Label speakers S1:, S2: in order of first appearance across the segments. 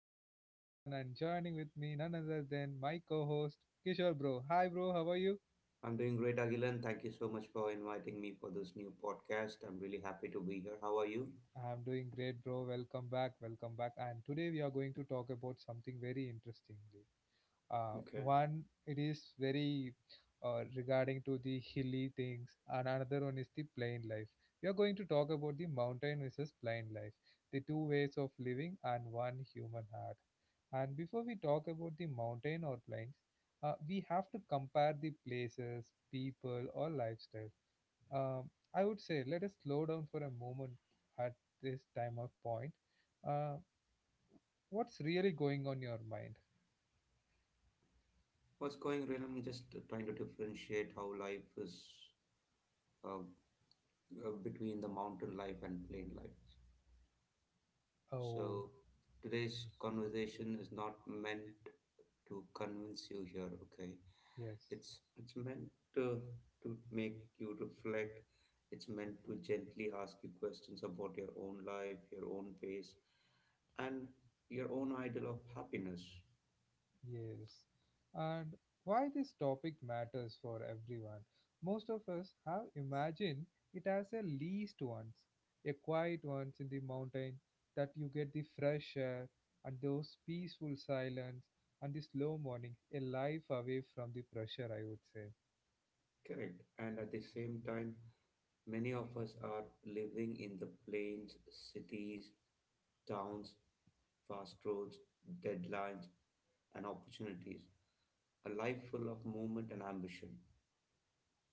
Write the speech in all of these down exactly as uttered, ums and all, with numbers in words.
S1: your host Agilan and joining with me none other than my co-host Kishore bro. Hi bro, how are you?
S2: I'm doing great, Agilan. Thank you so much for inviting me for this new podcast. I'm really happy to be here. How are you?
S1: I'm doing great bro. Welcome back. Welcome back. And today we are going to talk about something very interesting. Uh,
S2: Okay.
S1: one it is very uh, regarding to the hilly things, and another one is the plain life. We are going to talk about the mountain versus plain life, the two ways of living and one human heart. And before we talk about the mountain or plains, uh, we have to compare the places, people, or lifestyle. Um, I would say let us slow down for a moment at this time of point. Uh, what's really going on your mind?
S2: What's going on? I'm just trying to differentiate how life is uh, uh, between the mountain life and plain life.
S1: Oh,
S2: So today's conversation is not meant to convince you here. Okay,
S1: yes,
S2: it's it's meant to to make you reflect. It's meant to gently ask you questions about your own life, your own pace, and your own ideal of happiness.
S1: yes. And why this topic matters for everyone. Most of us have imagined it as a least once, a quiet once in the mountain that you get the fresh air and those peaceful silence and the slow mornings, a life away from the pressure, I would say.
S2: Correct. And at the same time, many of us are living in the plains, cities, towns, fast roads, deadlines, and opportunities. A life full of movement and ambition.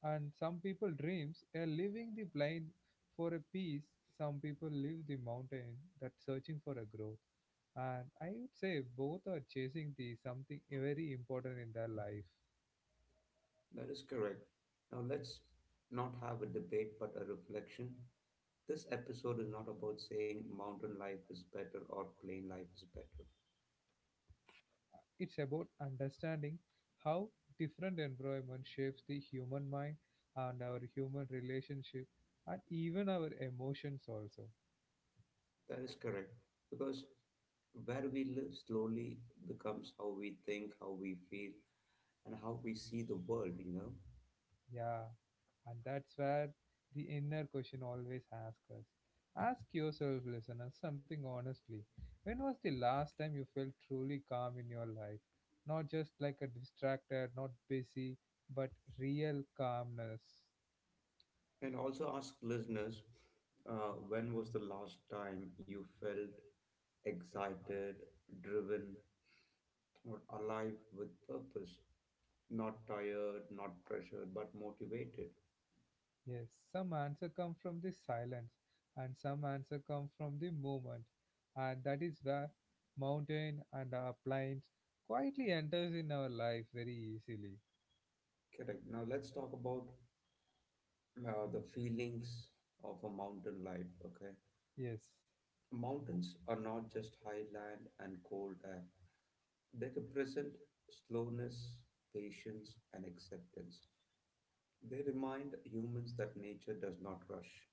S1: And some people dreams are leaving the plain for a peace. Some people leave the mountain that searching for a growth. And I would say both are chasing the something very important in their life.
S2: That is correct. Now let's not have a debate but a reflection. This episode is not about saying mountain life is better or plain life is better.
S1: It's about understanding how different environment shapes the human mind and our human relationship and even our emotions also.
S2: That is correct. Because where we live slowly becomes how we think, how we feel, and how we see the world, you know.
S1: Yeah, and that's where the inner question always asks us. Ask yourself, listeners, something honestly. When was the last time you felt truly calm in your life? Not just like a distracted, not busy, but real calmness.
S2: And also ask listeners, uh, when was the last time you felt excited, driven, or alive with purpose? Not tired, not pressured, but motivated.
S1: Yes, some answer come from the silence, and some answer come from the moment. And that is where mountain and our plains quietly enters in our life very easily.
S2: Correct. Now let's talk about uh, the feelings of a mountain life, okay?
S1: Yes.
S2: Mountains are not just high land and cold air. They represent slowness, patience, and acceptance. They remind humans that nature does not rush.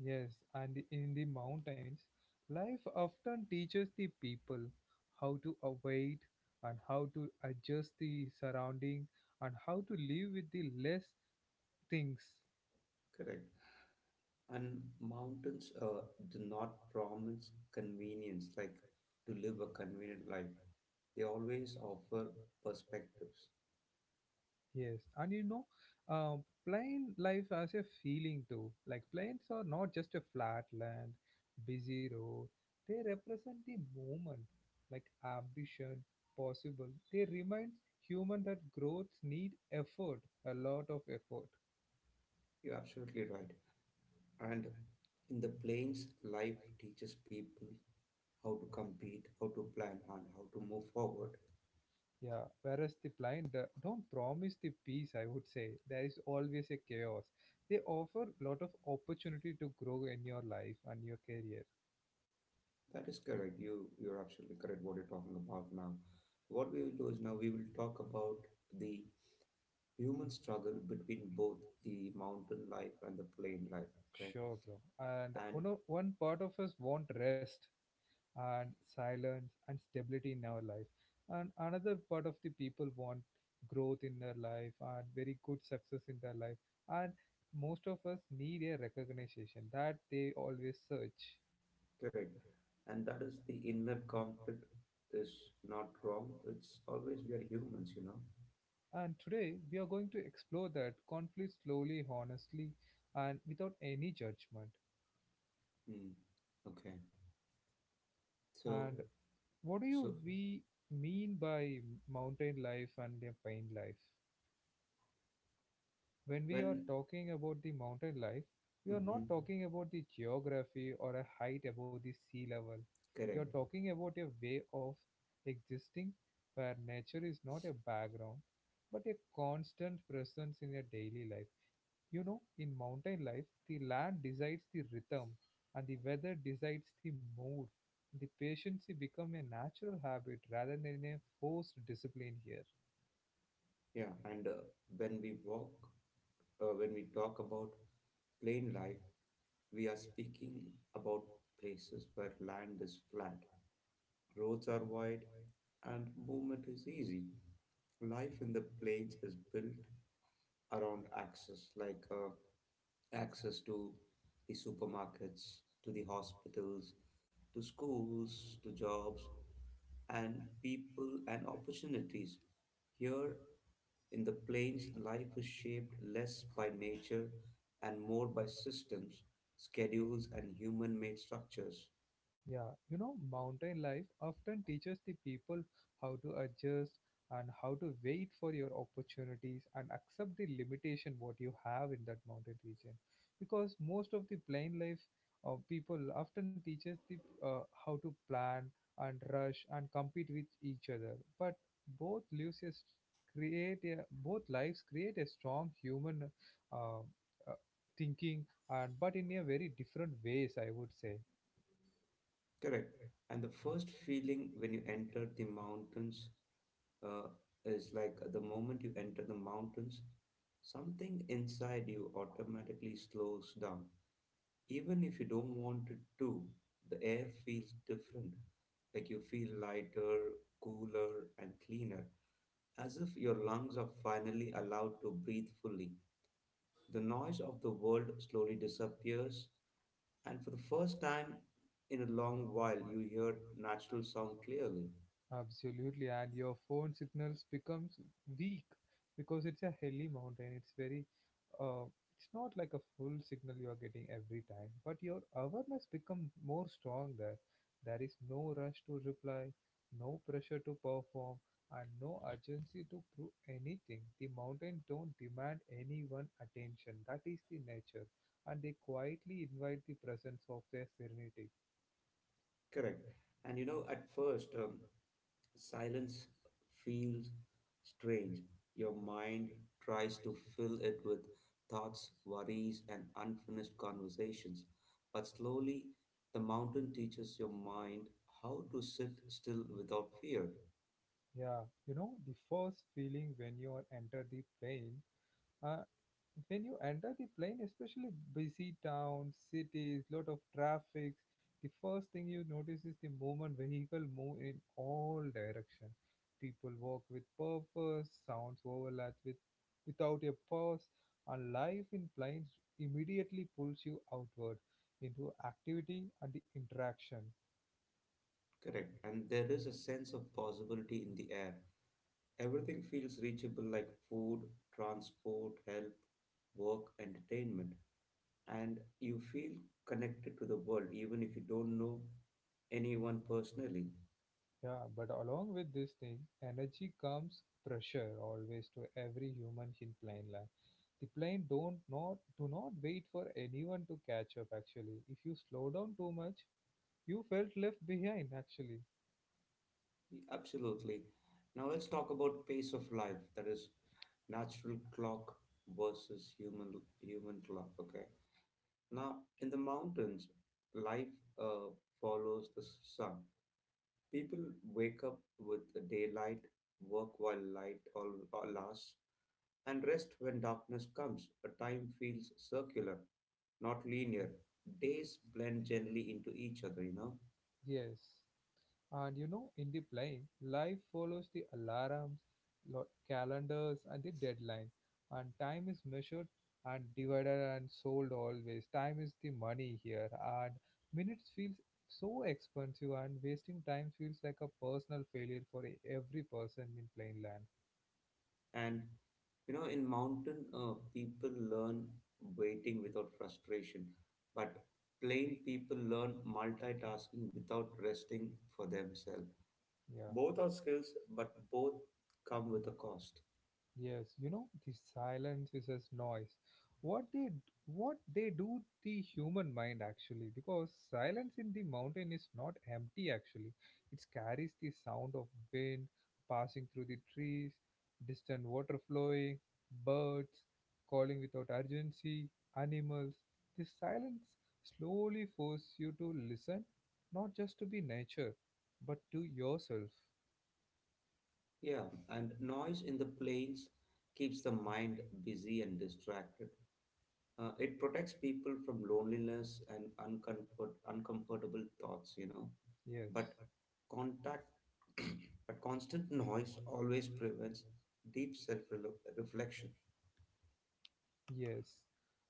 S1: Yes, and in the mountains, life often teaches the people how to await and how to adjust the surrounding and how to live with the less things.
S2: Correct. And mountains uh, do not promise convenience, like to live a convenient life. They always offer perspectives.
S1: Yes, and you know, um, plain life has a feeling too. Like plains are not just a flat land, busy road, they represent the moment, like ambition possible. They remind human that growth need effort, a lot of effort.
S2: You're absolutely right. And in the plains, life teaches people how to compete, how to plan, and how to move forward.
S1: Yeah, whereas the blind uh, don't promise the peace, I would say. There is always a chaos. They offer lot of opportunity to grow in your life and your career.
S2: That is correct. You you're absolutely correct what you're talking about now. What we will do is now we will talk about the human struggle between both the mountain life and the plain life. Okay.
S1: Sure, bro. And
S2: And
S1: one, o- one part of us want rest and silence and stability in our life. And another part of the people want growth in their life and very good success in their life. And most of us need a recognition that they always search.
S2: correct. And that is the inner conflict is not wrong. It's always we are humans, you know.
S1: And today we are going to explore that conflict slowly, honestly, and without any judgment.
S2: Mm. Okay. So
S1: And Mm. what do you
S2: so
S1: we mean by mountain life and the pine life? When we are Yeah.
S2: when
S1: talking about the mountain life, we are not
S2: Mm-hmm,
S1: Mhm. talking about the geography or a height above the sea level. We are
S2: correct.
S1: Mhm. talking about a way of existing where nature is not a background but a constant presence in your daily life. You know, in mountain life, the land decides the rhythm, and the weather decides the mood. The patience becomes a natural habit rather than a forced discipline here.
S2: Yeah, and uh, when we walk, uh, when we talk about plain life, we are speaking about places where land is flat, roads are wide, and movement is easy. Life in the plains is built around access, like uh, access to the supermarkets, to the hospitals, to schools, to jobs, and people and opportunities. Here in the plains, life is shaped less by nature and more by systems, schedules, and human made structures.
S1: Yeah, you know, mountain life often teaches the people how to adjust and how to wait for your opportunities and accept the limitation what you have in that mountain region. Because most of the plain life uh, people often teaches the uh, how to plan and rush and compete with each other. But both lives is create a, both lives create a strong human uh, uh, thinking and but in a very different ways, I would say.
S2: Correct. And the first feeling when you enter the mountains uh, is like the moment you enter the mountains, something inside you automatically slows down. Even if you don't want it to, the air feels different. Like you feel lighter, cooler, and cleaner, as if your lungs are finally allowed to breathe fully. The noise of the world slowly disappears, and for the first time in a long while, you hear natural sound clearly.
S1: Absolutely, and your phone signals becomes weak because it's a hilly mountain. It's very, uh, it's not like a full signal you are getting every time, but your awareness becomes more strong there. There is no rush to reply, no pressure to perform, and no urgency to prove anything. The mountain don't demand anyone attention. That is the nature, and they quietly invite the presence of their serenity.
S2: Correct. And you know, at first, um, silence feels strange. Your mind tries to fill it with thoughts, worries, and unfinished conversations. But slowly, the mountain teaches your mind how to sit still without fear.
S1: Yeah, you know, the first feeling when you enter the plane, uh, when you enter the plane, especially busy towns, cities, lot of traffic, the first thing you notice is the moment vehicle move in all direction. People walk with purpose, sounds overlap with without a pause, and life in planes immediately pulls you outward into activity and the interaction.
S2: Correct. And there is a sense of possibility in the air. Everything feels reachable like food, transport, help, work, entertainment. And you feel connected to the world even if you don't know anyone personally.
S1: Yeah, but along with this thing, energy comes pressure always to every human in plane life. The plane don't not do not wait for anyone to catch up actually. If you slow down too much, you felt left behind actually.
S2: Absolutely. Now let's talk about pace of life, that is natural clock versus human human clock. Okay. Now in the mountains, life uh, follows the sun. People wake up with the daylight, work while light all, all lasts, and rest when darkness comes. A time feels circular, not linear. Days blend gently into each other, you know.
S1: Yes. And you know, in the plane, life follows the alarms, lo- calendars, and the deadline. And time is measured and divided and sold always. Time is the money here, and minutes feels so expensive, and wasting time feels like a personal failure for e- every person in plain land.
S2: And you know, in mountain, uh, people learn waiting without frustration, but plain people learn multitasking without resting for themselves.
S1: Yeah.
S2: Both are skills, but both come with a cost.
S1: Yes, you know, the silence is as noise. What they what they do the human mind actually, because silence in the mountain is not empty actually. It carries the sound of wind passing through the trees, distant water flowing, birds calling without urgency, animals. The silence slowly forces you to listen, not just to be nature, but to yourself.
S2: Yeah, and noise in the plains keeps the mind busy and distracted. Uh, it protects people from loneliness and uncomfort, uncomfortable thoughts, you know.
S1: Yes.
S2: But contact, but constant noise always prevents deep self-reflection.
S1: Yes,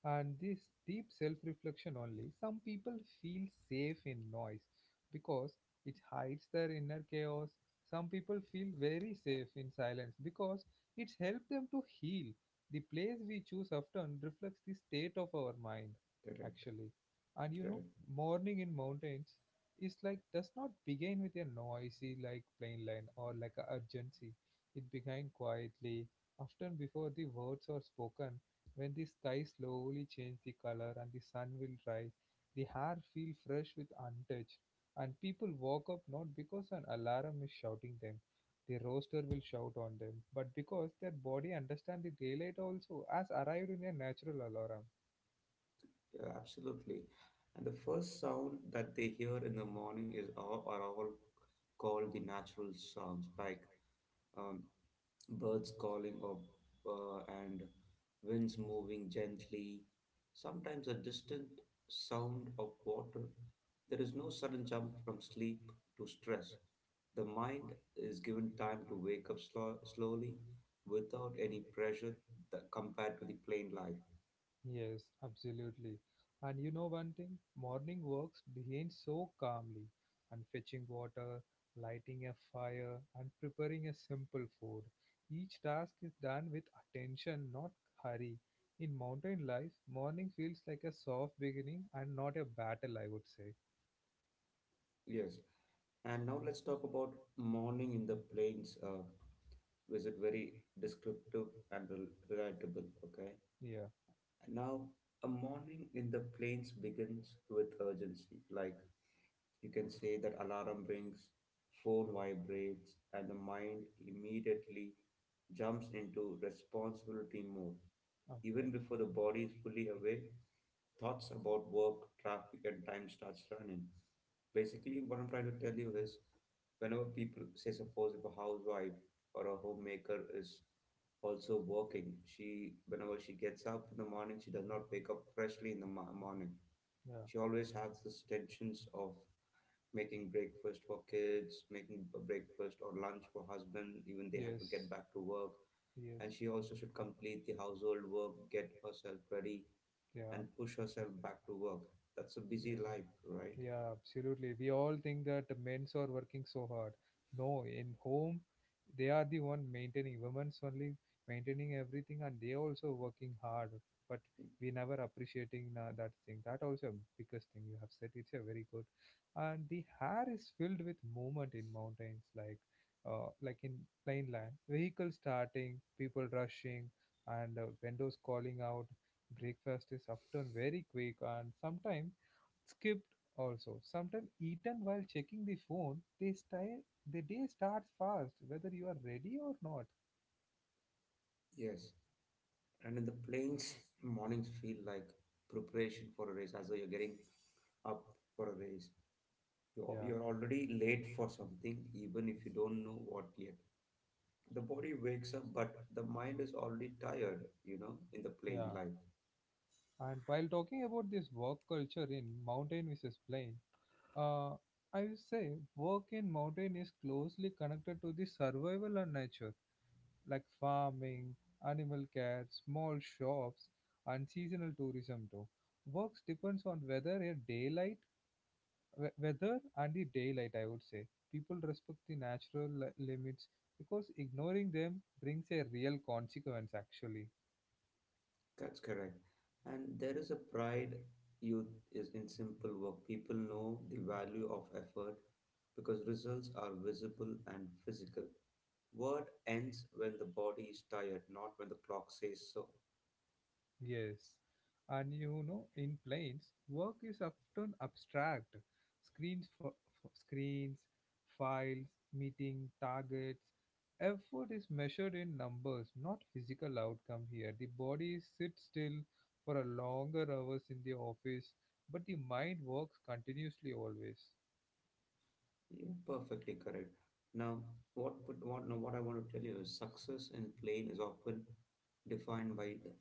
S1: and this deep self reflection only. Some people feel safe in noise because it hides their inner chaos. Some people feel very safe in silence because it's helped them to heal. The place we choose often reflects the state of our mind,
S2: Correct,
S1: actually. And you know,
S2: correct.
S1: morning in mountains is like does not begin with a noisy like plain line or like a urgency. It began quietly, often before the words are spoken when the sky slowly changes the color and the sun will rise, the hair feel fresh with untouched. And people walk up not because an alarm is shouting them, the rooster will shout on them, but because their body understands the daylight also has arrived in a natural alarm.
S2: Yeah, absolutely. And the first sound that they hear in the morning is all, are all called the natural sounds, like um, birds calling up uh, and winds moving gently, sometimes a distant sound of water. There is no sudden jump from sleep to stress. The mind is given time to wake up slow, slowly without any pressure that compared to the plain life.
S1: Yes, absolutely. And you know one thing? Morning walks begin so calmly, and fetching water, lighting a fire, and preparing a simple food. Each task is done with attention, not hurry. In mountain life, morning feels like a soft beginning and not a battle, I would say.
S2: Yes. And now let's talk about morning in the plains. Uh, is it very descriptive and rel- relatable? Okay.
S1: Yeah,
S2: Now, a morning in the plains begins with urgency. Like you can say that alarm rings, phone vibrates, and the mind immediately jumps into responsibility mode.
S1: okay.
S2: Even before the body is fully awake, thoughts about work, traffic, and time starts running. Basically, what I'm trying to tell you is whenever people say, suppose if a housewife or a homemaker is also working. She, whenever she gets up in the morning, she does not wake up freshly in the mo- morning.
S1: Yeah,
S2: She always has this tensions of making breakfast for kids, making a breakfast or lunch for husband. Even they have to
S1: yes,
S2: get back to work,
S1: yes.
S2: and she also should complete the household work, get herself ready,
S1: Yeah,
S2: and push herself back to work. That's a busy
S1: yes.
S2: life, right?
S1: Yeah, absolutely. We all think that the men's are working so hard. No, in home, they are the one maintaining. Women's only maintaining everything, and they also working hard. But we never appreciating na- that thing. That also biggest thing you have said. It's a very good. And the hair is filled with movement in mountains, like, uh, like in plain land. Vehicles starting, people rushing, and uh, windows calling out. Breakfast is often very quick, and sometimes skipped also sometimes eaten while checking the phone they stay the day starts fast whether you are ready or not.
S2: Yes. And in the plains, mornings feel like preparation for a race, as though you're getting up for a race. You're,
S1: Yeah.
S2: you're already late for something, even if you don't know what yet. The body wakes up, but the mind is already tired, you know, in the plain
S1: Yeah,
S2: life.
S1: and while talking about this work culture in mountain versus plain, uh I would say work in mountain is closely connected to the survival and nature, like farming, animal care, small shops, and seasonal tourism too. Works depends on whether a daylight, we- weather and the daylight, I would say. People respect the natural li- limits because ignoring them brings a real consequence actually.
S2: That's correct. And there is a pride youth is in simple work. People know the value of effort because results are visible and physical. Word ends when the body is tired, not when the clock says so.
S1: Yes, and you know, in planes work is often abstract. screens for, screens, files, meeting targets. Effort is measured in numbers not physical outcome. Here the body sits still for a longer hours in the office, but the mind works continuously always.
S2: You're perfectly correct. Now, what, would what, now what I want to tell you is success in plain is often defined by the,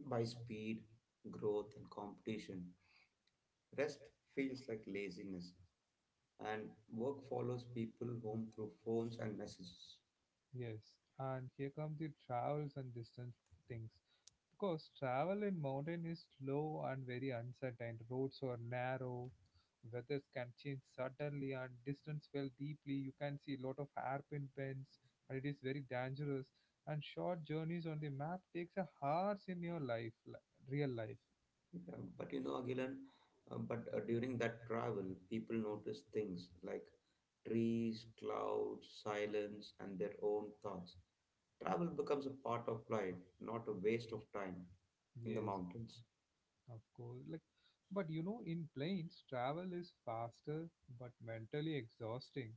S2: by speed, growth, and competition. Rest feels like laziness, and work follows people home through phones and messages.
S1: Yes, and here come the travels and distance things. Because travel in mountain is slow and very uncertain. Roads are narrow, weathers can change suddenly, and distance fell deeply. You can see a lot of hairpin bends, and it is very dangerous. And short journeys on the map takes a hours in your life, li- real life.
S2: Yeah, but you know, Agilan, uh, but uh, during that travel, people notice things like trees, clouds, silence, and their own thoughts. Travel becomes a part of life, not a waste of time in the
S1: Yes.
S2: mountains.
S1: Of course, like, but you know, in planes, travel is faster but mentally exhausting.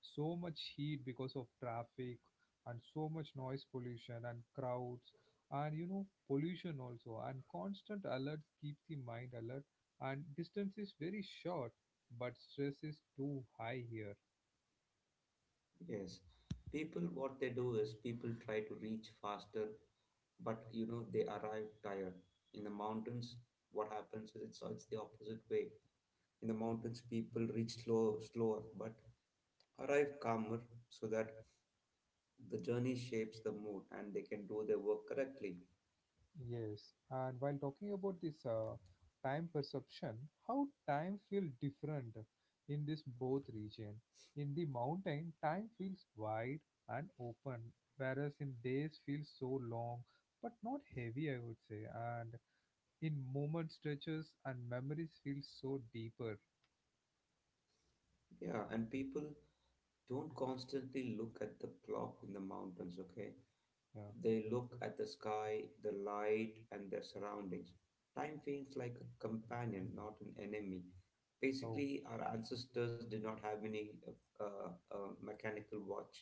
S1: So much heat because of traffic, and so much noise pollution, and crowds, and you know, pollution also. And constant alerts keep the mind alert, and distance is very short, but stress is too high here.
S2: Yes, people, what they do is people try to reach faster, but you know they arrive tired. In the mountains what happens is it's, it's the opposite way. In the mountains people reach slow slower but arrive calmer, so that the journey shapes the mood and they can do their work correctly.
S1: Yes, and while talking about this uh, time perception, how time feels different in this both region. In the mountain, time feels wide and open, whereas in days feels so long, but not heavy, I would say. And in moment stretches and memories feel so deeper.
S2: Yeah, and people don't constantly look at the clock in the mountains. Okay,
S1: Yeah.
S2: they look at the sky, the light, and their surroundings. Time feels like a companion, not an enemy.
S1: Oh.
S2: Basically, our ancestors did not have any uh, uh, uh, mechanical watch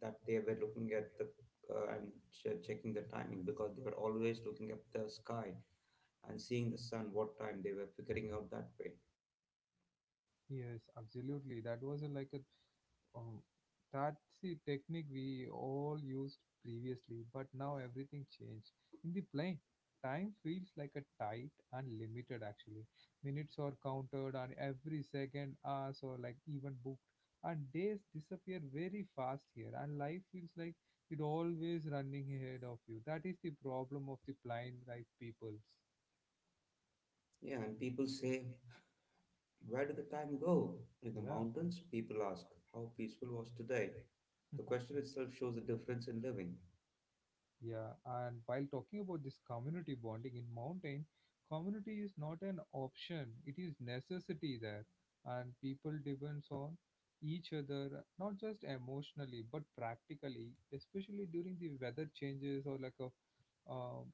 S2: that they were looking at the uh, and che- checking the timing, because they were always looking at the sky and seeing the sun what time they were figuring out that way.
S1: Yes, absolutely. That was a, like a Um, that's the technique we all used previously, but now everything changed. In the plane, time feels like a tight and limited actually. Minutes are counted and every second, hours or like even booked. And days disappear very fast here and life feels like it always running ahead of you. That is the problem of the blind life peoples.
S2: Yeah, and people say, where did the time go? In the
S1: Yeah.
S2: mountains, people ask, how peaceful was today? The question itself shows the difference in living.
S1: Yeah, and while talking about this community bonding in mountain, community is not an option; it is necessity there, and people depends on each other not just emotionally but practically, especially during the weather changes or like a um,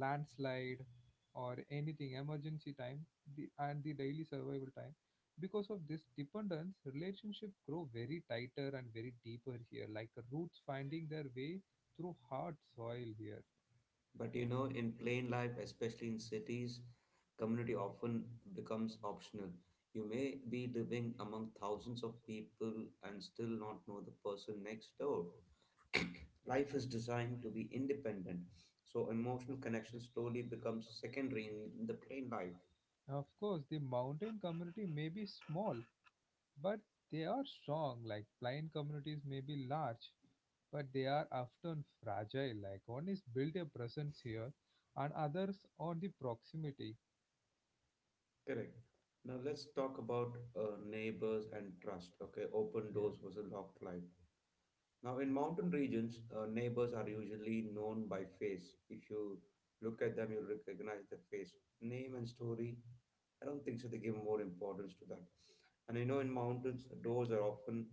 S1: landslide or anything emergency time the, and the daily survival time. Because of this dependence, relationship grow very tighter and very deeper here, like roots finding their way through hard soil here.
S2: But you know, in plain life, especially in cities, community often becomes optional. You may be living among thousands of people and still not know the person next door. Life is designed to be independent, so emotional connection slowly becomes secondary in the plain life.
S1: Of course, the mountain community may be small, but they are strong, like plain communities may be large, but they are often fragile. Like one is build a presence here, and others on the proximity.
S2: Correct. Now let's talk about uh, neighbors and trust. Okay, open
S1: Yeah,
S2: doors was a locked life. Now, in mountain regions, uh, neighbors are usually known by face. If you look at them, you'll recognize the face. Name and story, I don't think so. They give more importance to that. And you know, in mountains, doors are often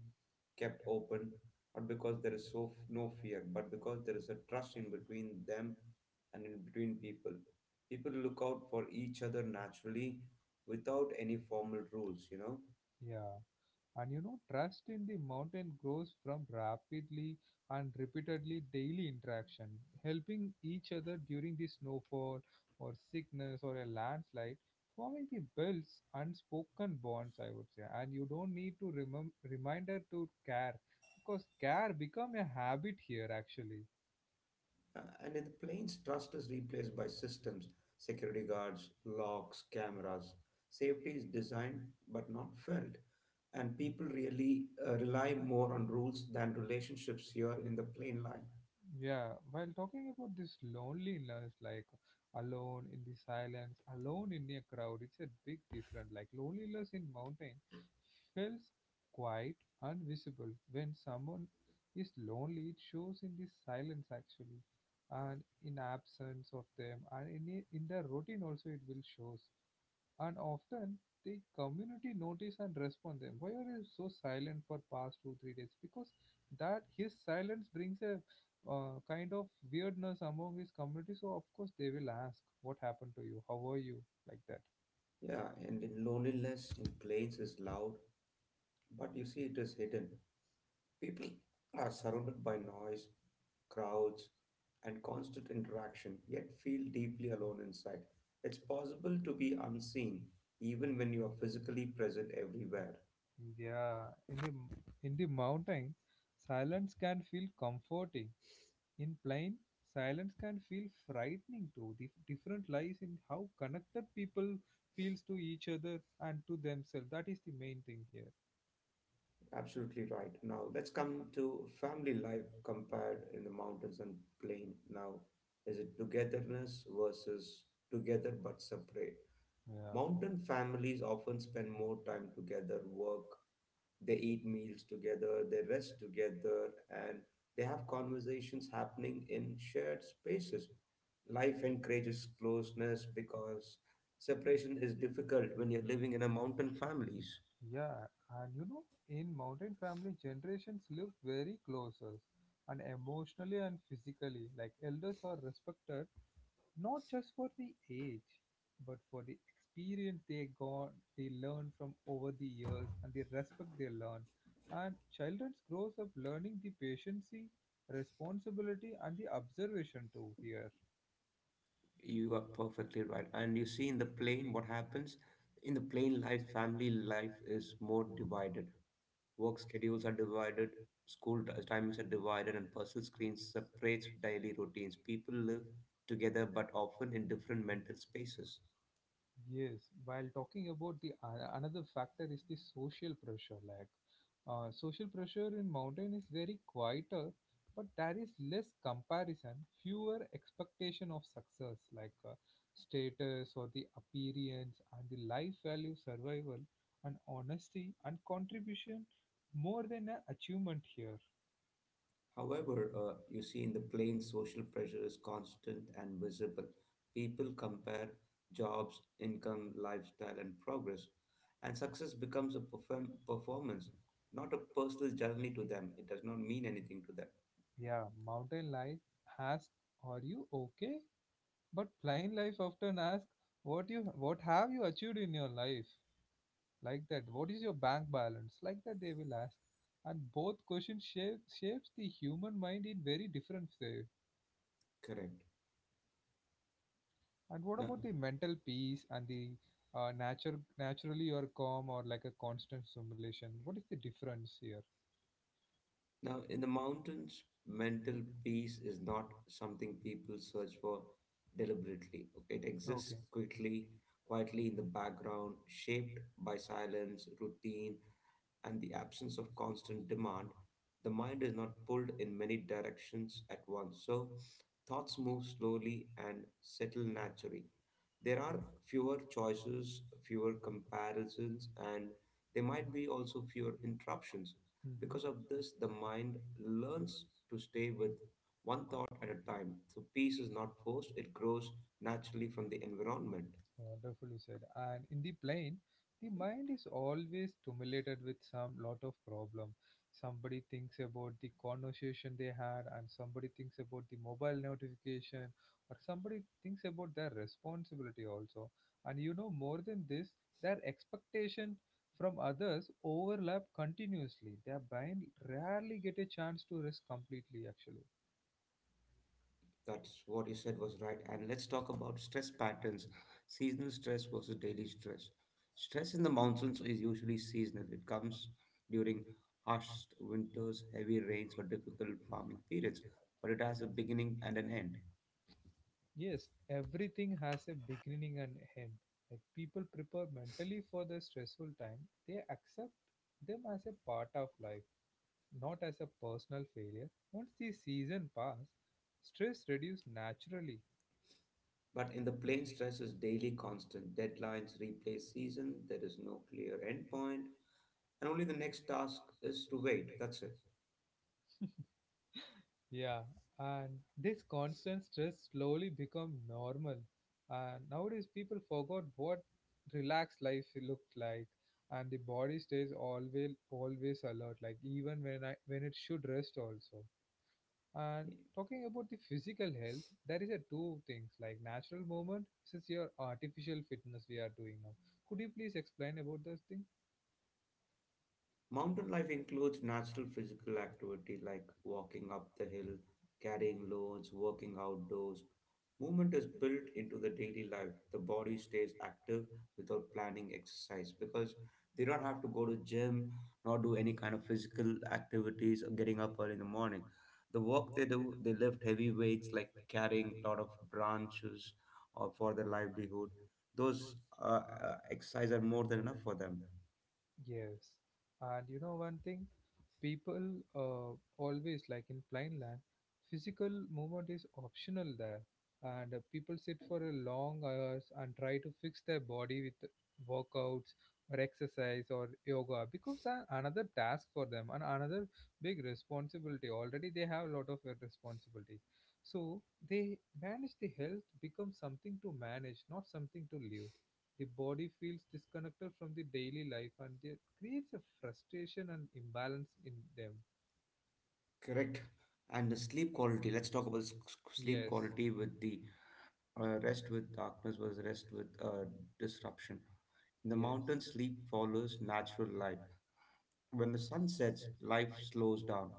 S2: kept open, not because there is so f- no fear, but because there is a trust in between them and in between people. People look out for each other naturally without any formal rules, you know.
S1: yeah, and you know, trust in the mountain grows from rapidly and repeatedly daily interaction, helping each other during the snowfall or sickness or a landslide, forming the belts unspoken bonds, I would say. And you don't need to remem- reminder to care because care become a habit here actually.
S2: Uh, and in the planes, trust is replaced by systems, security guards, locks, cameras. Safety is designed but not felt. And people really uh, rely more on rules than relationships here in the plane line.
S1: Yeah, while talking about this loneliness, like alone in the silence, alone in a crowd, it's a big difference. Like loneliness in mountain feels quiet, invisible. When someone is lonely, it shows in the silence actually, and in absence of them, and in, a- in the routine also it will shows and often the community notice and respond them why are you so silent for past two three days because that his silence brings a uh, kind of weirdness among his community so of course they will ask what happened to you how are you like that.
S2: Yeah, and in loneliness in planes is loud, but you see it is hidden. People are surrounded by noise, crowds, and constant interaction, yet feel deeply alone inside. It's possible to be unseen even when you are physically present everywhere.
S1: Yeah, in the in the mountain silence can feel comforting, in plain silence can feel frightening too. The different lies in how connected people feels to each other and to themselves, that is the main thing here.
S2: Absolutely right. Now let's come to family life compared in the mountains and plain. Now, is it togetherness versus together but separate?
S1: Yeah,
S2: Mountain families often spend more time together, work, they eat meals together, they rest together, and they have conversations happening in shared spaces. Life encourages closeness because separation is difficult when you're living in a mountain families.
S1: yeah, and you know, in mountain family, generations live very closest and emotionally and physically. Like elders are respected not just for the age, but for the experience they got, they learn from over the years, and the respect they learn. And children grows up learning the patience, responsibility, and the observation too here.
S2: You are perfectly right. And you see in the plane what happens? In the plane life, family life is more divided. Work schedules are divided, school t- timings are divided, and personal screens separates daily routines. People live together but often in different mental spaces.
S1: Yes, while talking about the uh, another factor is the social pressure. Like, uh, social pressure in mountain is very quieter, but there is less comparison, fewer expectation of success, like uh, status or the appearance and the life value, survival, and honesty and contribution more than an achievement here.
S2: However, uh, you see, in the plains, social pressure is constant and visible. People compare jobs, income, lifestyle, and progress, and success becomes a perform- performance, not a personal journey to them. It does not mean anything to them.
S1: Yeah, mountain life asks, "Are you okay?" But plain life often asks, what you what have you achieved in your life? Like that, what is your bank balance? Like that they will ask. And both questions shape shapes the human mind in very different way.
S2: Correct.
S1: And what
S2: Now,
S1: about the mental peace and the uh, natural naturally or calm or like a constant simulation? What is the difference here?
S2: now in the mountains, mental peace is not something people search for deliberately. Okay, it exists
S1: Okay.
S2: quickly, quietly in the background, shaped by silence, routine and the absence of constant demand, the mind is not pulled in many directions at once. So, thoughts move slowly and settle naturally. There are fewer choices, fewer comparisons, and there might be also fewer interruptions. Because of this, the mind learns to stay with one thought at a time. So, peace is not forced, it grows naturally from the
S1: Mm-hmm.
S2: environment.
S1: Uh, Wonderfully said. And in the plane, the mind is always stimulated with some lot of problem. Somebody thinks about the conversation they had, and somebody thinks about the mobile notification, or somebody thinks about their responsibility also. And you know, more than this, their expectation from others overlap continuously. Their mind rarely get a chance to rest completely. Actually,
S2: That's what you said was right. And let's talk about stress patterns, seasonal stress versus daily stress. Stress in the mountains is usually seasonal, it comes during harsh winters, heavy rains, or difficult farming periods, but it has a beginning and an end.
S1: yes, everything has a beginning and end. Like people prepare mentally for the stressful time, they accept them as a part of life, not as a personal failure. Once the season pass, stress reduce naturally.
S2: But in the plain, stress is daily constant. Deadlines replace season, there is no clear end point, and only the next task is to wait. That's
S1: Yeah, and this constant stress slowly become normal. And nowadays people forgot what relaxed life looked like, and the body stays always always alert. Like even when I when it should rest also. And
S2: it.
S1: talking about the physical health, there is a two things like natural movement since your artificial fitness we are doing now. Could you please explain about those things?
S2: Mountain life includes natural physical activity like walking up the hill, carrying loads, working outdoors. Movement is built into the daily life. The body stays active without planning exercise because they don't have to go to gym nor do any kind of physical activities or getting up early in the morning. The work they do, they lift heavy weights like carrying a lot of branches or for their livelihood. Those uh, uh, exercise are more than enough for them.
S1: Yes, and you know one thing, people uh, always like in plain land, physical movement is optional there, and uh, people sit for a long hours and try to fix their body with workouts or exercise or yoga becomes an, another task for them and another big responsibility. Already they have a lot of uh, responsibilities, so they manage the health becomes something to manage, not something to live. The body feels disconnected from the daily life and it creates a frustration and imbalance in them.
S2: Correct. And the sleep quality. Let's talk about s- s- sleep
S1: Yes,
S2: quality with the uh, rest with darkness versus rest with uh, disruption. In the
S1: yes,
S2: mountains, sleep follows natural light. When the sun sets, life slows down,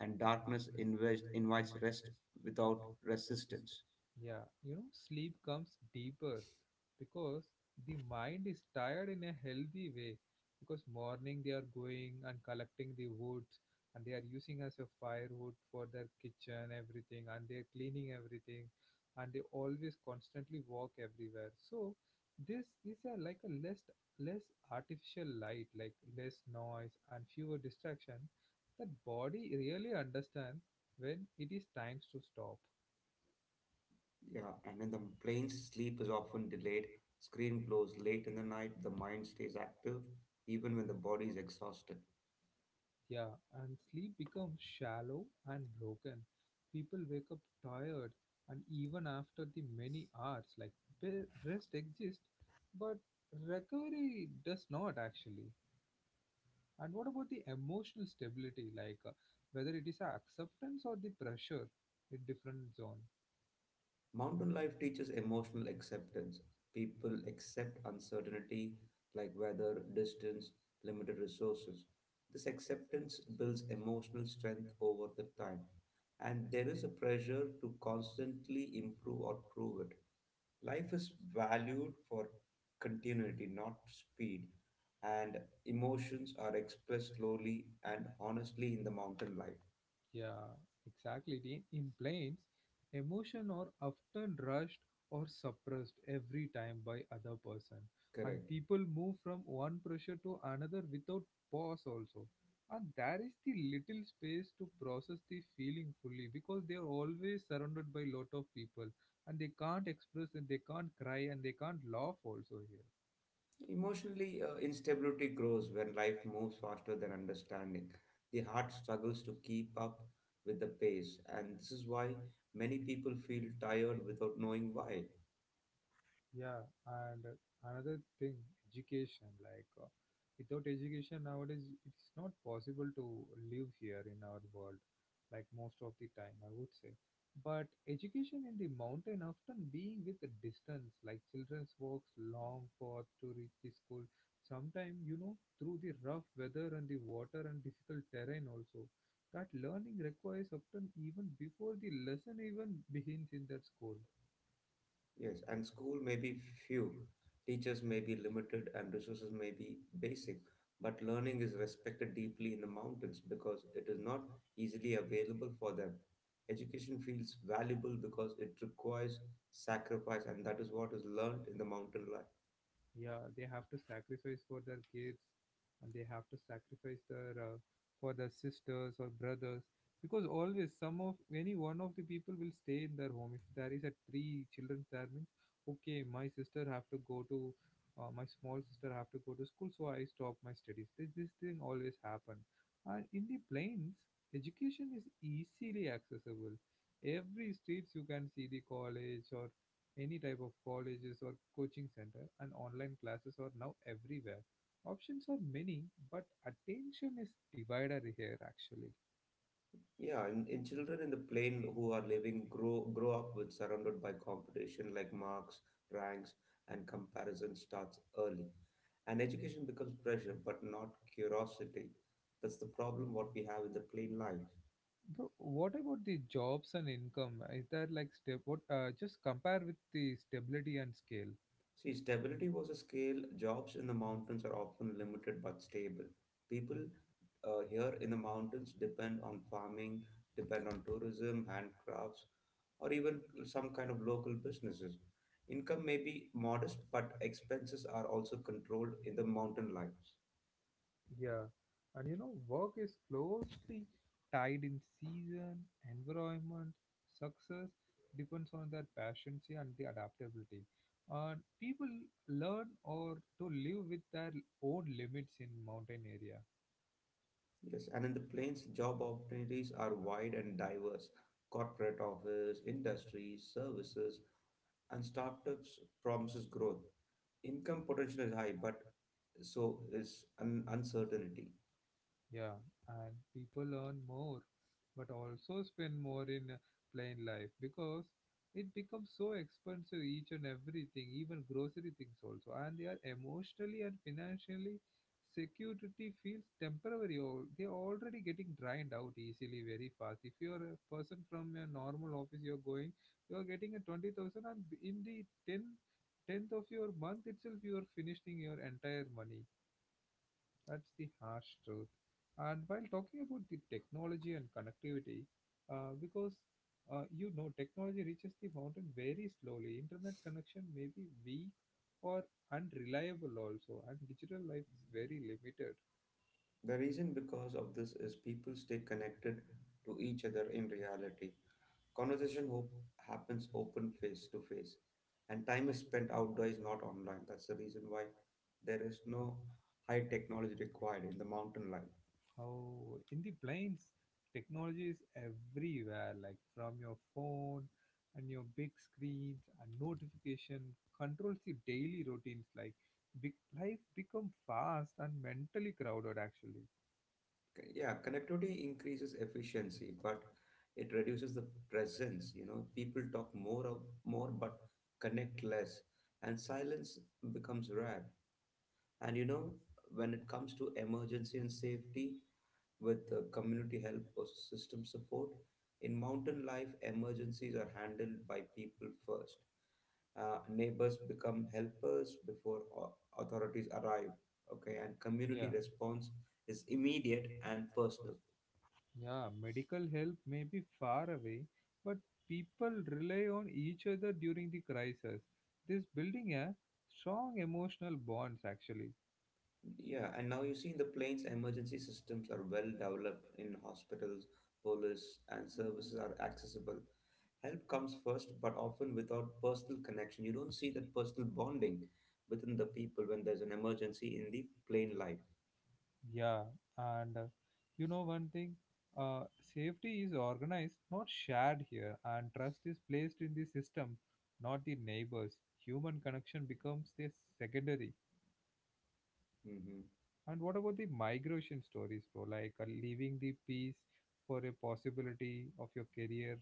S2: and darkness invites, invites rest without resistance.
S1: yeah, you know, sleep comes deeper because the mind is tired in a healthy way. Because morning they are going and collecting the woods and they are using as a firewood for their kitchen, everything, and they are cleaning everything, and they always constantly walk everywhere. So this is a, like a less less artificial light, like less noise and fewer distraction. That body really understand when it is times to stop.
S2: Yeah, and in the plains, sleep is often delayed. Screen glows late in the night. The mind stays active, even when the body is exhausted.
S1: Yeah, and sleep becomes shallow and broken. People wake up tired, and even after the many hours, like be- rest exists, but recovery does not actually. And what about the emotional stability, like uh, whether it is a acceptance or the pressure in different zones?
S2: Mountain life teaches emotional acceptance. People accept uncertainty like weather, distance, limited resources. This acceptance builds emotional strength over the time. And there is a pressure to constantly improve or prove it. Life is valued for continuity, not speed. And emotions are expressed slowly and honestly in the mountain life.
S1: Yeah, exactly. In, in planes, emotion are often rushed or suppressed every time by other person, and
S2: Correct.
S1: people move from one pressure to another without pause also. And there is the little space to process the feeling fully because they are always surrounded by lot of people and they can't express and they can't cry and they can't laugh also here.
S2: Emotionally, uh, instability grows when life moves faster than understanding. The heart struggles to keep up with the pace, and this is why many people feel tired without knowing why.
S1: Yeah, and another thing, education. Like uh, without education nowadays, it's not possible to live here in our world. Like most of the time, I would say. But education in the mountain often being with a distance. Like children walks long path to reach the school. Sometimes you know through the rough weather and the water and difficult terrain also. That learning requires often even before the lesson even begins in that school.
S2: Yes, and school may be few, teachers may be limited, and resources may be basic, but learning is respected deeply in the mountains because it is not easily available for them. Education feels valuable because it requires sacrifice, and that is what is learned in the mountain life.
S1: Yeah, they have to sacrifice for their kids and they have to sacrifice their uh, for their sisters or brothers because always some of any one of the people will stay in their home. If there is a three children that means, okay, my sister have to go to uh, my small sister have to go to school, so I stop my studies. This, this thing always happen. And in the plains education is easily accessible. Every streets you can see the college or any type of colleges or coaching center, and online classes are now everywhere. Options are many, but attention is divided here actually.
S2: Yeah, and, and children in the plain who are living grow grow up with surrounded by competition like marks, ranks, and comparison starts early. And education becomes pressure, but not curiosity. That's the problem what we have in the plain life.
S1: Bro, what about the jobs and income? Is that like step? What, uh, just compare with the stability and scale?
S2: See, stability was a scale, jobs in the mountains are often limited but stable. People uh, here in the mountains depend on farming, depend on tourism, handcrafts, or even some kind of local businesses. Income may be modest, but expenses are also controlled in the mountain lives.
S1: Yeah, and you know, work is closely tied in season, environment, success depends on their passions, yeah, and the adaptability. And people learn or to live with their own limits in mountain area.
S2: Yes, and in the plains, job opportunities are wide and diverse. Corporate office, industries, services, and startups promises growth. Income potential is high, but so it's un- uncertainty.
S1: Yeah, and people earn more, but also spend more in uh, plain life because it becomes so expensive each and everything, even grocery things also. And they are emotionally and financially security feels temporary or they're already getting drained out easily very fast. If you're a person from a normal office you're going, you're getting a twenty thousand and in the ten tenth of your month itself you are finishing your entire money, that's the harsh truth. And while talking about the technology and connectivity, uh, because uh, you know technology reaches the mountain very slowly, internet connection may be weak or unreliable also, and digital life is very limited.
S2: The reason because of this is people stay connected to each other in reality. Conversation hope happens open face to face, and time is spent outdoors, not online. That's the reason why there is no high technology required in the mountain life.
S1: Oh, in the plains, technology is everywhere, like from your phone and your big screens, and notification controls the daily routines, like big life become fast and mentally crowded actually.
S2: C- Yeah, connectivity increases efficiency, but it reduces the presence. You know, people talk more of more, but connect less, and silence becomes rare. And you know, when it comes to emergency and safety, with uh, community help or system support, in mountain life, emergencies are handled by people first. Uh, neighbors become helpers before au- authorities arrive. Okay, and community
S1: Yeah.
S2: response is immediate and personal.
S1: Yeah, medical help may be far away, but people rely on each other during the crisis. This building a strong emotional bonds actually.
S2: Yeah, and now you see in the plains, emergency systems are well developed in hospitals, police, and services are accessible. Help comes first, but often without personal connection. You don't see that personal bonding within the people when there's an emergency in the plain life.
S1: Yeah, and uh, you know one thing, uh, safety is organized, not shared here, and trust is placed in the system, not the neighbors. Human connection becomes the secondary.
S2: Hmm.
S1: And what about the migration stories, bro? Like uh, leaving the peace for a possibility of your career.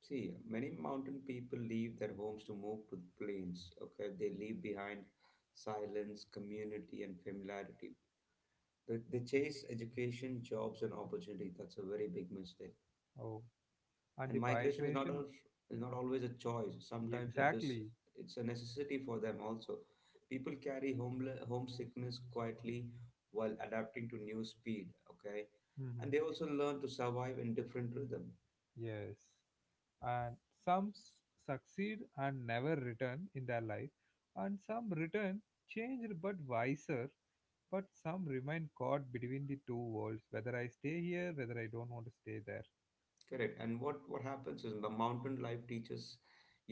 S2: See, many mountain people leave their homes to move to the plains. Okay, they leave behind silence, community, and familiarity. They, they chase education, jobs, and opportunity. That's a very big mistake.
S1: Oh, and
S2: And
S1: the
S2: migration is not a
S1: migration?
S2: is not always a choice, sometimes it is,
S1: Exactly.
S2: it's a necessity for them also. People carry home homesickness quietly while adapting to new speed. Okay, and
S1: Hmm.
S2: they also learn to survive in different rhythm.
S1: Yes. And some s- succeed and never return in their life, and some return changed but wiser, but some remain caught between the two worlds, whether I stay here, whether I don't want to stay there.
S2: Correct. And what what happens is the mountain life teaches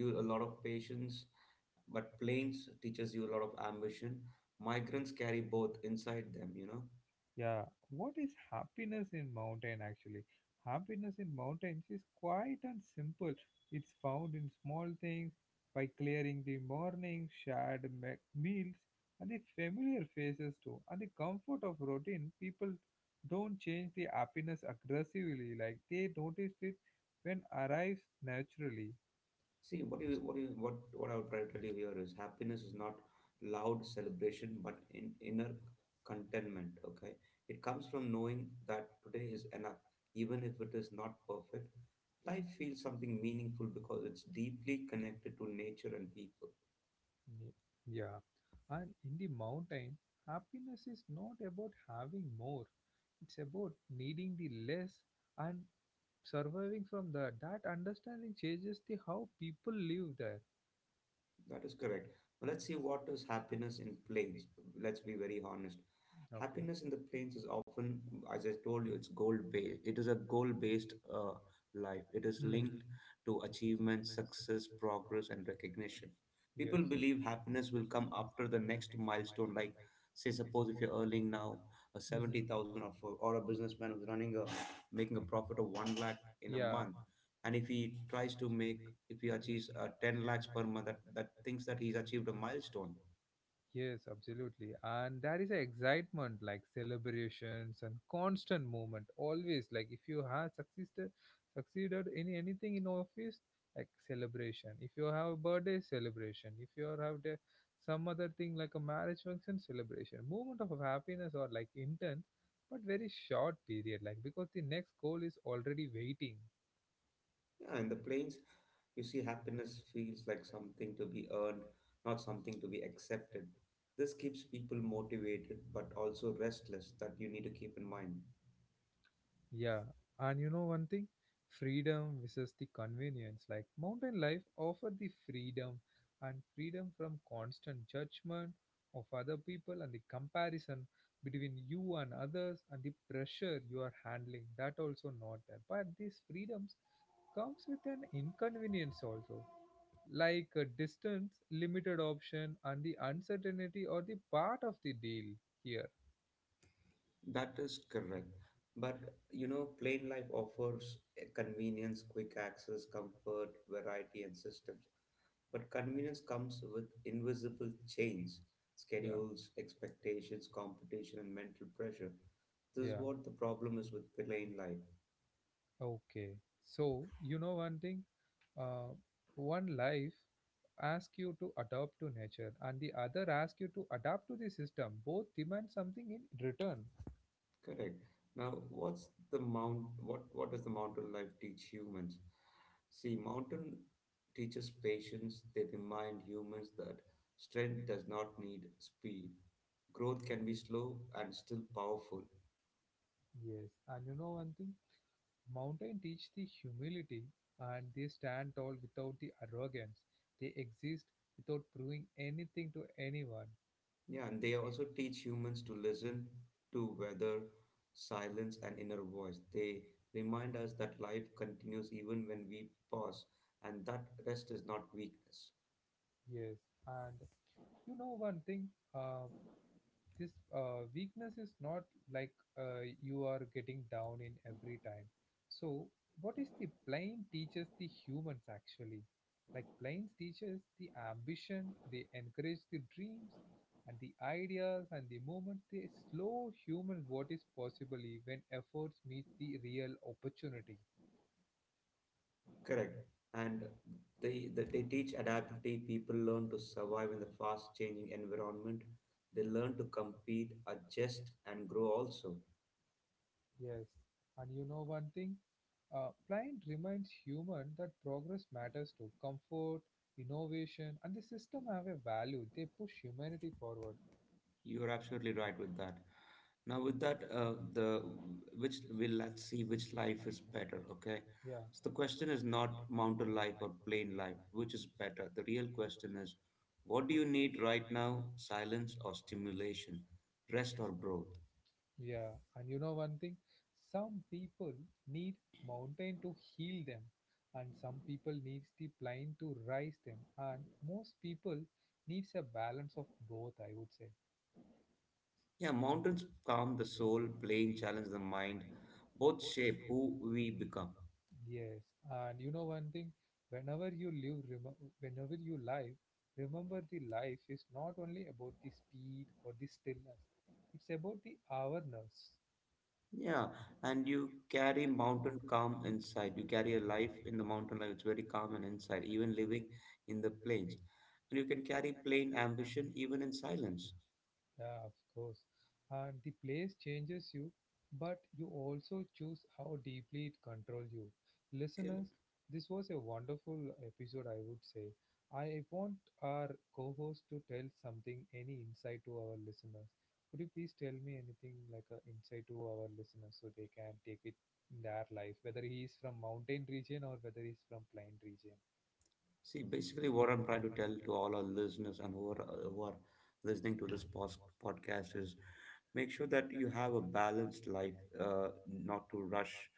S2: you a lot of patience, but plains teaches you a lot of ambition. Migrants carry both inside them, you know.
S1: Yeah, what is happiness in mountain actually? Happiness in mountains is quiet and simple. It's found in small things by clearing the morning, shared me- meals, and the familiar faces too, and the comfort of routine. People don't change the happiness aggressively, like they noticed it when arrives naturally.
S2: See, what you what you what what I would try to tell you here is happiness is not loud celebration, but in inner contentment. Okay, it comes from knowing that today is enough, even if it is not perfect. Life feels something meaningful because it's deeply connected to nature and people.
S1: Ye- Yeah, and in the mountain, happiness is not about having more. It's about needing the less and surviving from that. That understanding changes the how people live there.
S2: That is correct. But let's see what is happiness in planes. Let's be very honest.
S1: Okay.
S2: Happiness in the planes is often, as I told you, it's goal based. It is a goal based uh, life. It is
S1: Mm-hmm.
S2: linked to achievement, success, progress, and recognition.
S1: Yes.
S2: People believe happiness will
S1: Mm-hmm.
S2: come after the next milestone. Like, say, suppose if you're earning now a seventy thousand or for, or a businessman who's running a making a profit of one lakh in a
S1: Yeah.
S2: month, and if he tries to make if he achieves uh, ten lakhs per month, that, that thinks that he's achieved a milestone.
S1: Yes, absolutely. And there is a excitement, like celebrations and constant movement. Always, like if you have succeeded, succeeded in anything in office, like celebration. If you have a birthday celebration, if you are have the, some other thing like a marriage function celebration, moment of happiness or like intense, but very short period. Like because the next goal is already waiting.
S2: Yeah, in the plains you see happiness feels like something to be earned, not something to be accepted. This keeps people motivated but also restless, that you need to keep in mind.
S1: Yeah, and you know one thing? Freedom versus the convenience. Like mountain life offer the freedom and freedom from constant judgment of other people and the comparison between you and others and the pressure you are handling. That also not there. But these freedoms comes with an inconvenience also, like a distance, limited option, and the uncertainty or the part of the deal here.
S2: That is correct. But you know, plain life offers a convenience, quick access, comfort, variety and systems. But convenience comes with invisible chains,
S1: Yeah.
S2: schedules, expectations, competition, and mental pressure. This is
S1: yeah
S2: what the problem is
S1: This
S2: with plain life.
S1: Okay. So, you know one thing, uh, one life asks you to adapt to nature and the other asks you to adapt to the system. Both demand something in return.
S2: Correct. Now, what's the mount? What what does the mountain life teach humans? See, mountain teaches patience. They remind humans that strength does not need speed. Growth can be slow and still powerful.
S1: Yes. And you know one thing, mountain teach the humility and they stand tall without the arrogance. They exist without proving anything to anyone.
S2: Yeah, and they also teach humans to listen to weather, silence, and inner voice. They remind us that life continues even when we pause, and that rest is not weakness.
S1: Yes. And you know one thing, uh, this uh, weakness is not like uh, you are getting down in every time, so what is the plane teaches the humans actually, like planes teaches the ambition, they encourage the dreams and the ideas and the movement, they slow human what is possible when efforts meet the real opportunity.
S2: Correct. And they, they, they teach adaptability. People learn to survive in the fast changing environment. They learn to compete, adjust, and grow also.
S1: Yes, and you know one thing? Uh, Pliant reminds human that progress matters to comfort, innovation, and the system have a value. They push humanity forward.
S2: You are absolutely right with that. Now, with that, uh, the
S1: The-
S2: which will let's see which life is better. Okay,
S1: Yeah,
S2: so the question is not mountain life or plain life, which is better. The real question is, what do you need right now? Silence or stimulation, rest or growth?
S1: yeah. And you know one thing? Some people need mountain to heal them, and some people needs the plane to rise them, and most people needs a balance of both, I would say.
S2: Yeah, mountains calm the soul, plain challenge the mind. Both shape who we become.
S1: Yes, and you know one thing, whenever you live, remem whenever you live, remember the life is not only about the speed or the stillness, it's about the awareness.
S2: Yeah, and you carry mountain calm inside. You carry a life in the mountain life. It's very calm and inside, even living in the plains. And you can carry plain ambition even in silence.
S1: Yeah, of course. And the place changes you, but you also choose how deeply it controls you. Listeners, this was a wonderful episode, I would say. I want our co host to tell something, any insight to our listeners. Could you please tell me anything like an insight to our listeners so they can take it in their life, whether he is from mountain region or whether he is from plain region?
S2: See, basically, what I'm trying to tell to all our listeners and who are who are listening to this pos- podcast is make sure that you have a balanced life, uh, not to rush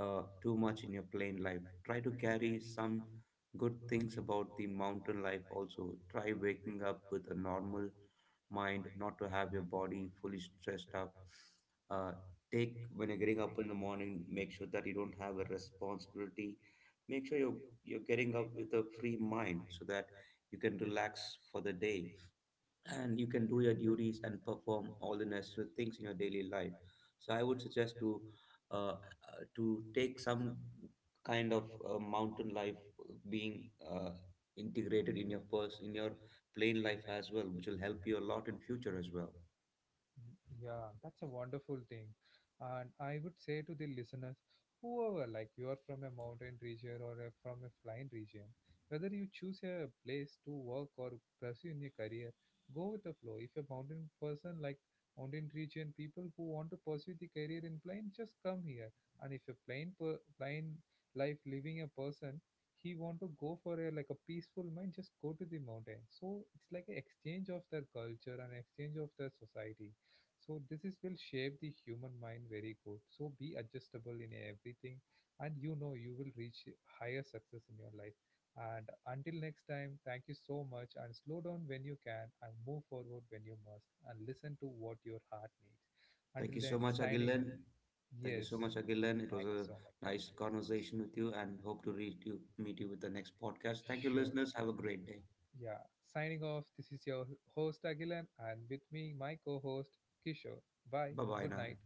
S2: uh, too much in your plain life. Try to carry some good things about the mountain life also. Try waking up with a normal mind, not to have your body fully stressed up. Uh, Take when you're getting up in the morning, make sure that you don't have a responsibility, make sure you're you're getting up with a free mind so that you can relax for the day and you can do your duties and perform all the necessary things in your daily life. So I would suggest to uh, uh, to take some kind of uh, mountain life uh, being uh, integrated in your purse in your plain life as well, which will help you a lot in future as well.
S1: Yeah, that's a wonderful thing. And I would say to the listeners, whoever, like you are from a mountain region or a, from a flying region, whether you choose a place to work or pursue in your career, go with the flow. If a mountain person like mountain region people who want to pursue the career in plane, just come here. And if a plain per, plain life living a person, he want to go for a like a peaceful mind, just go to the mountain. So it's like an exchange of their culture and exchange of their society, so this is will shape the human mind very good. So be adjustable in everything, and you know you will reach higher success in your life. And until next time, thank you so much. And slow down when you can, and move forward when you must, and listen to what your heart needs.
S2: Thank
S1: Until
S2: you so
S1: then,
S2: much,
S1: signing
S2: Agilan.
S1: off.
S2: Thank you so
S1: Yes,
S2: much, Agilan. It was
S1: thank you
S2: a
S1: so much. Thank
S2: nice
S1: you so much.
S2: conversation with you and hope to reach you, meet you with the next podcast. Thank you,
S1: Sure.
S2: listeners. Have a great day.
S1: Yeah. Signing off. This is your host Agilan, and with me, my co-host Kishore. Bye.
S2: Bye bye
S1: Good
S2: now.
S1: night.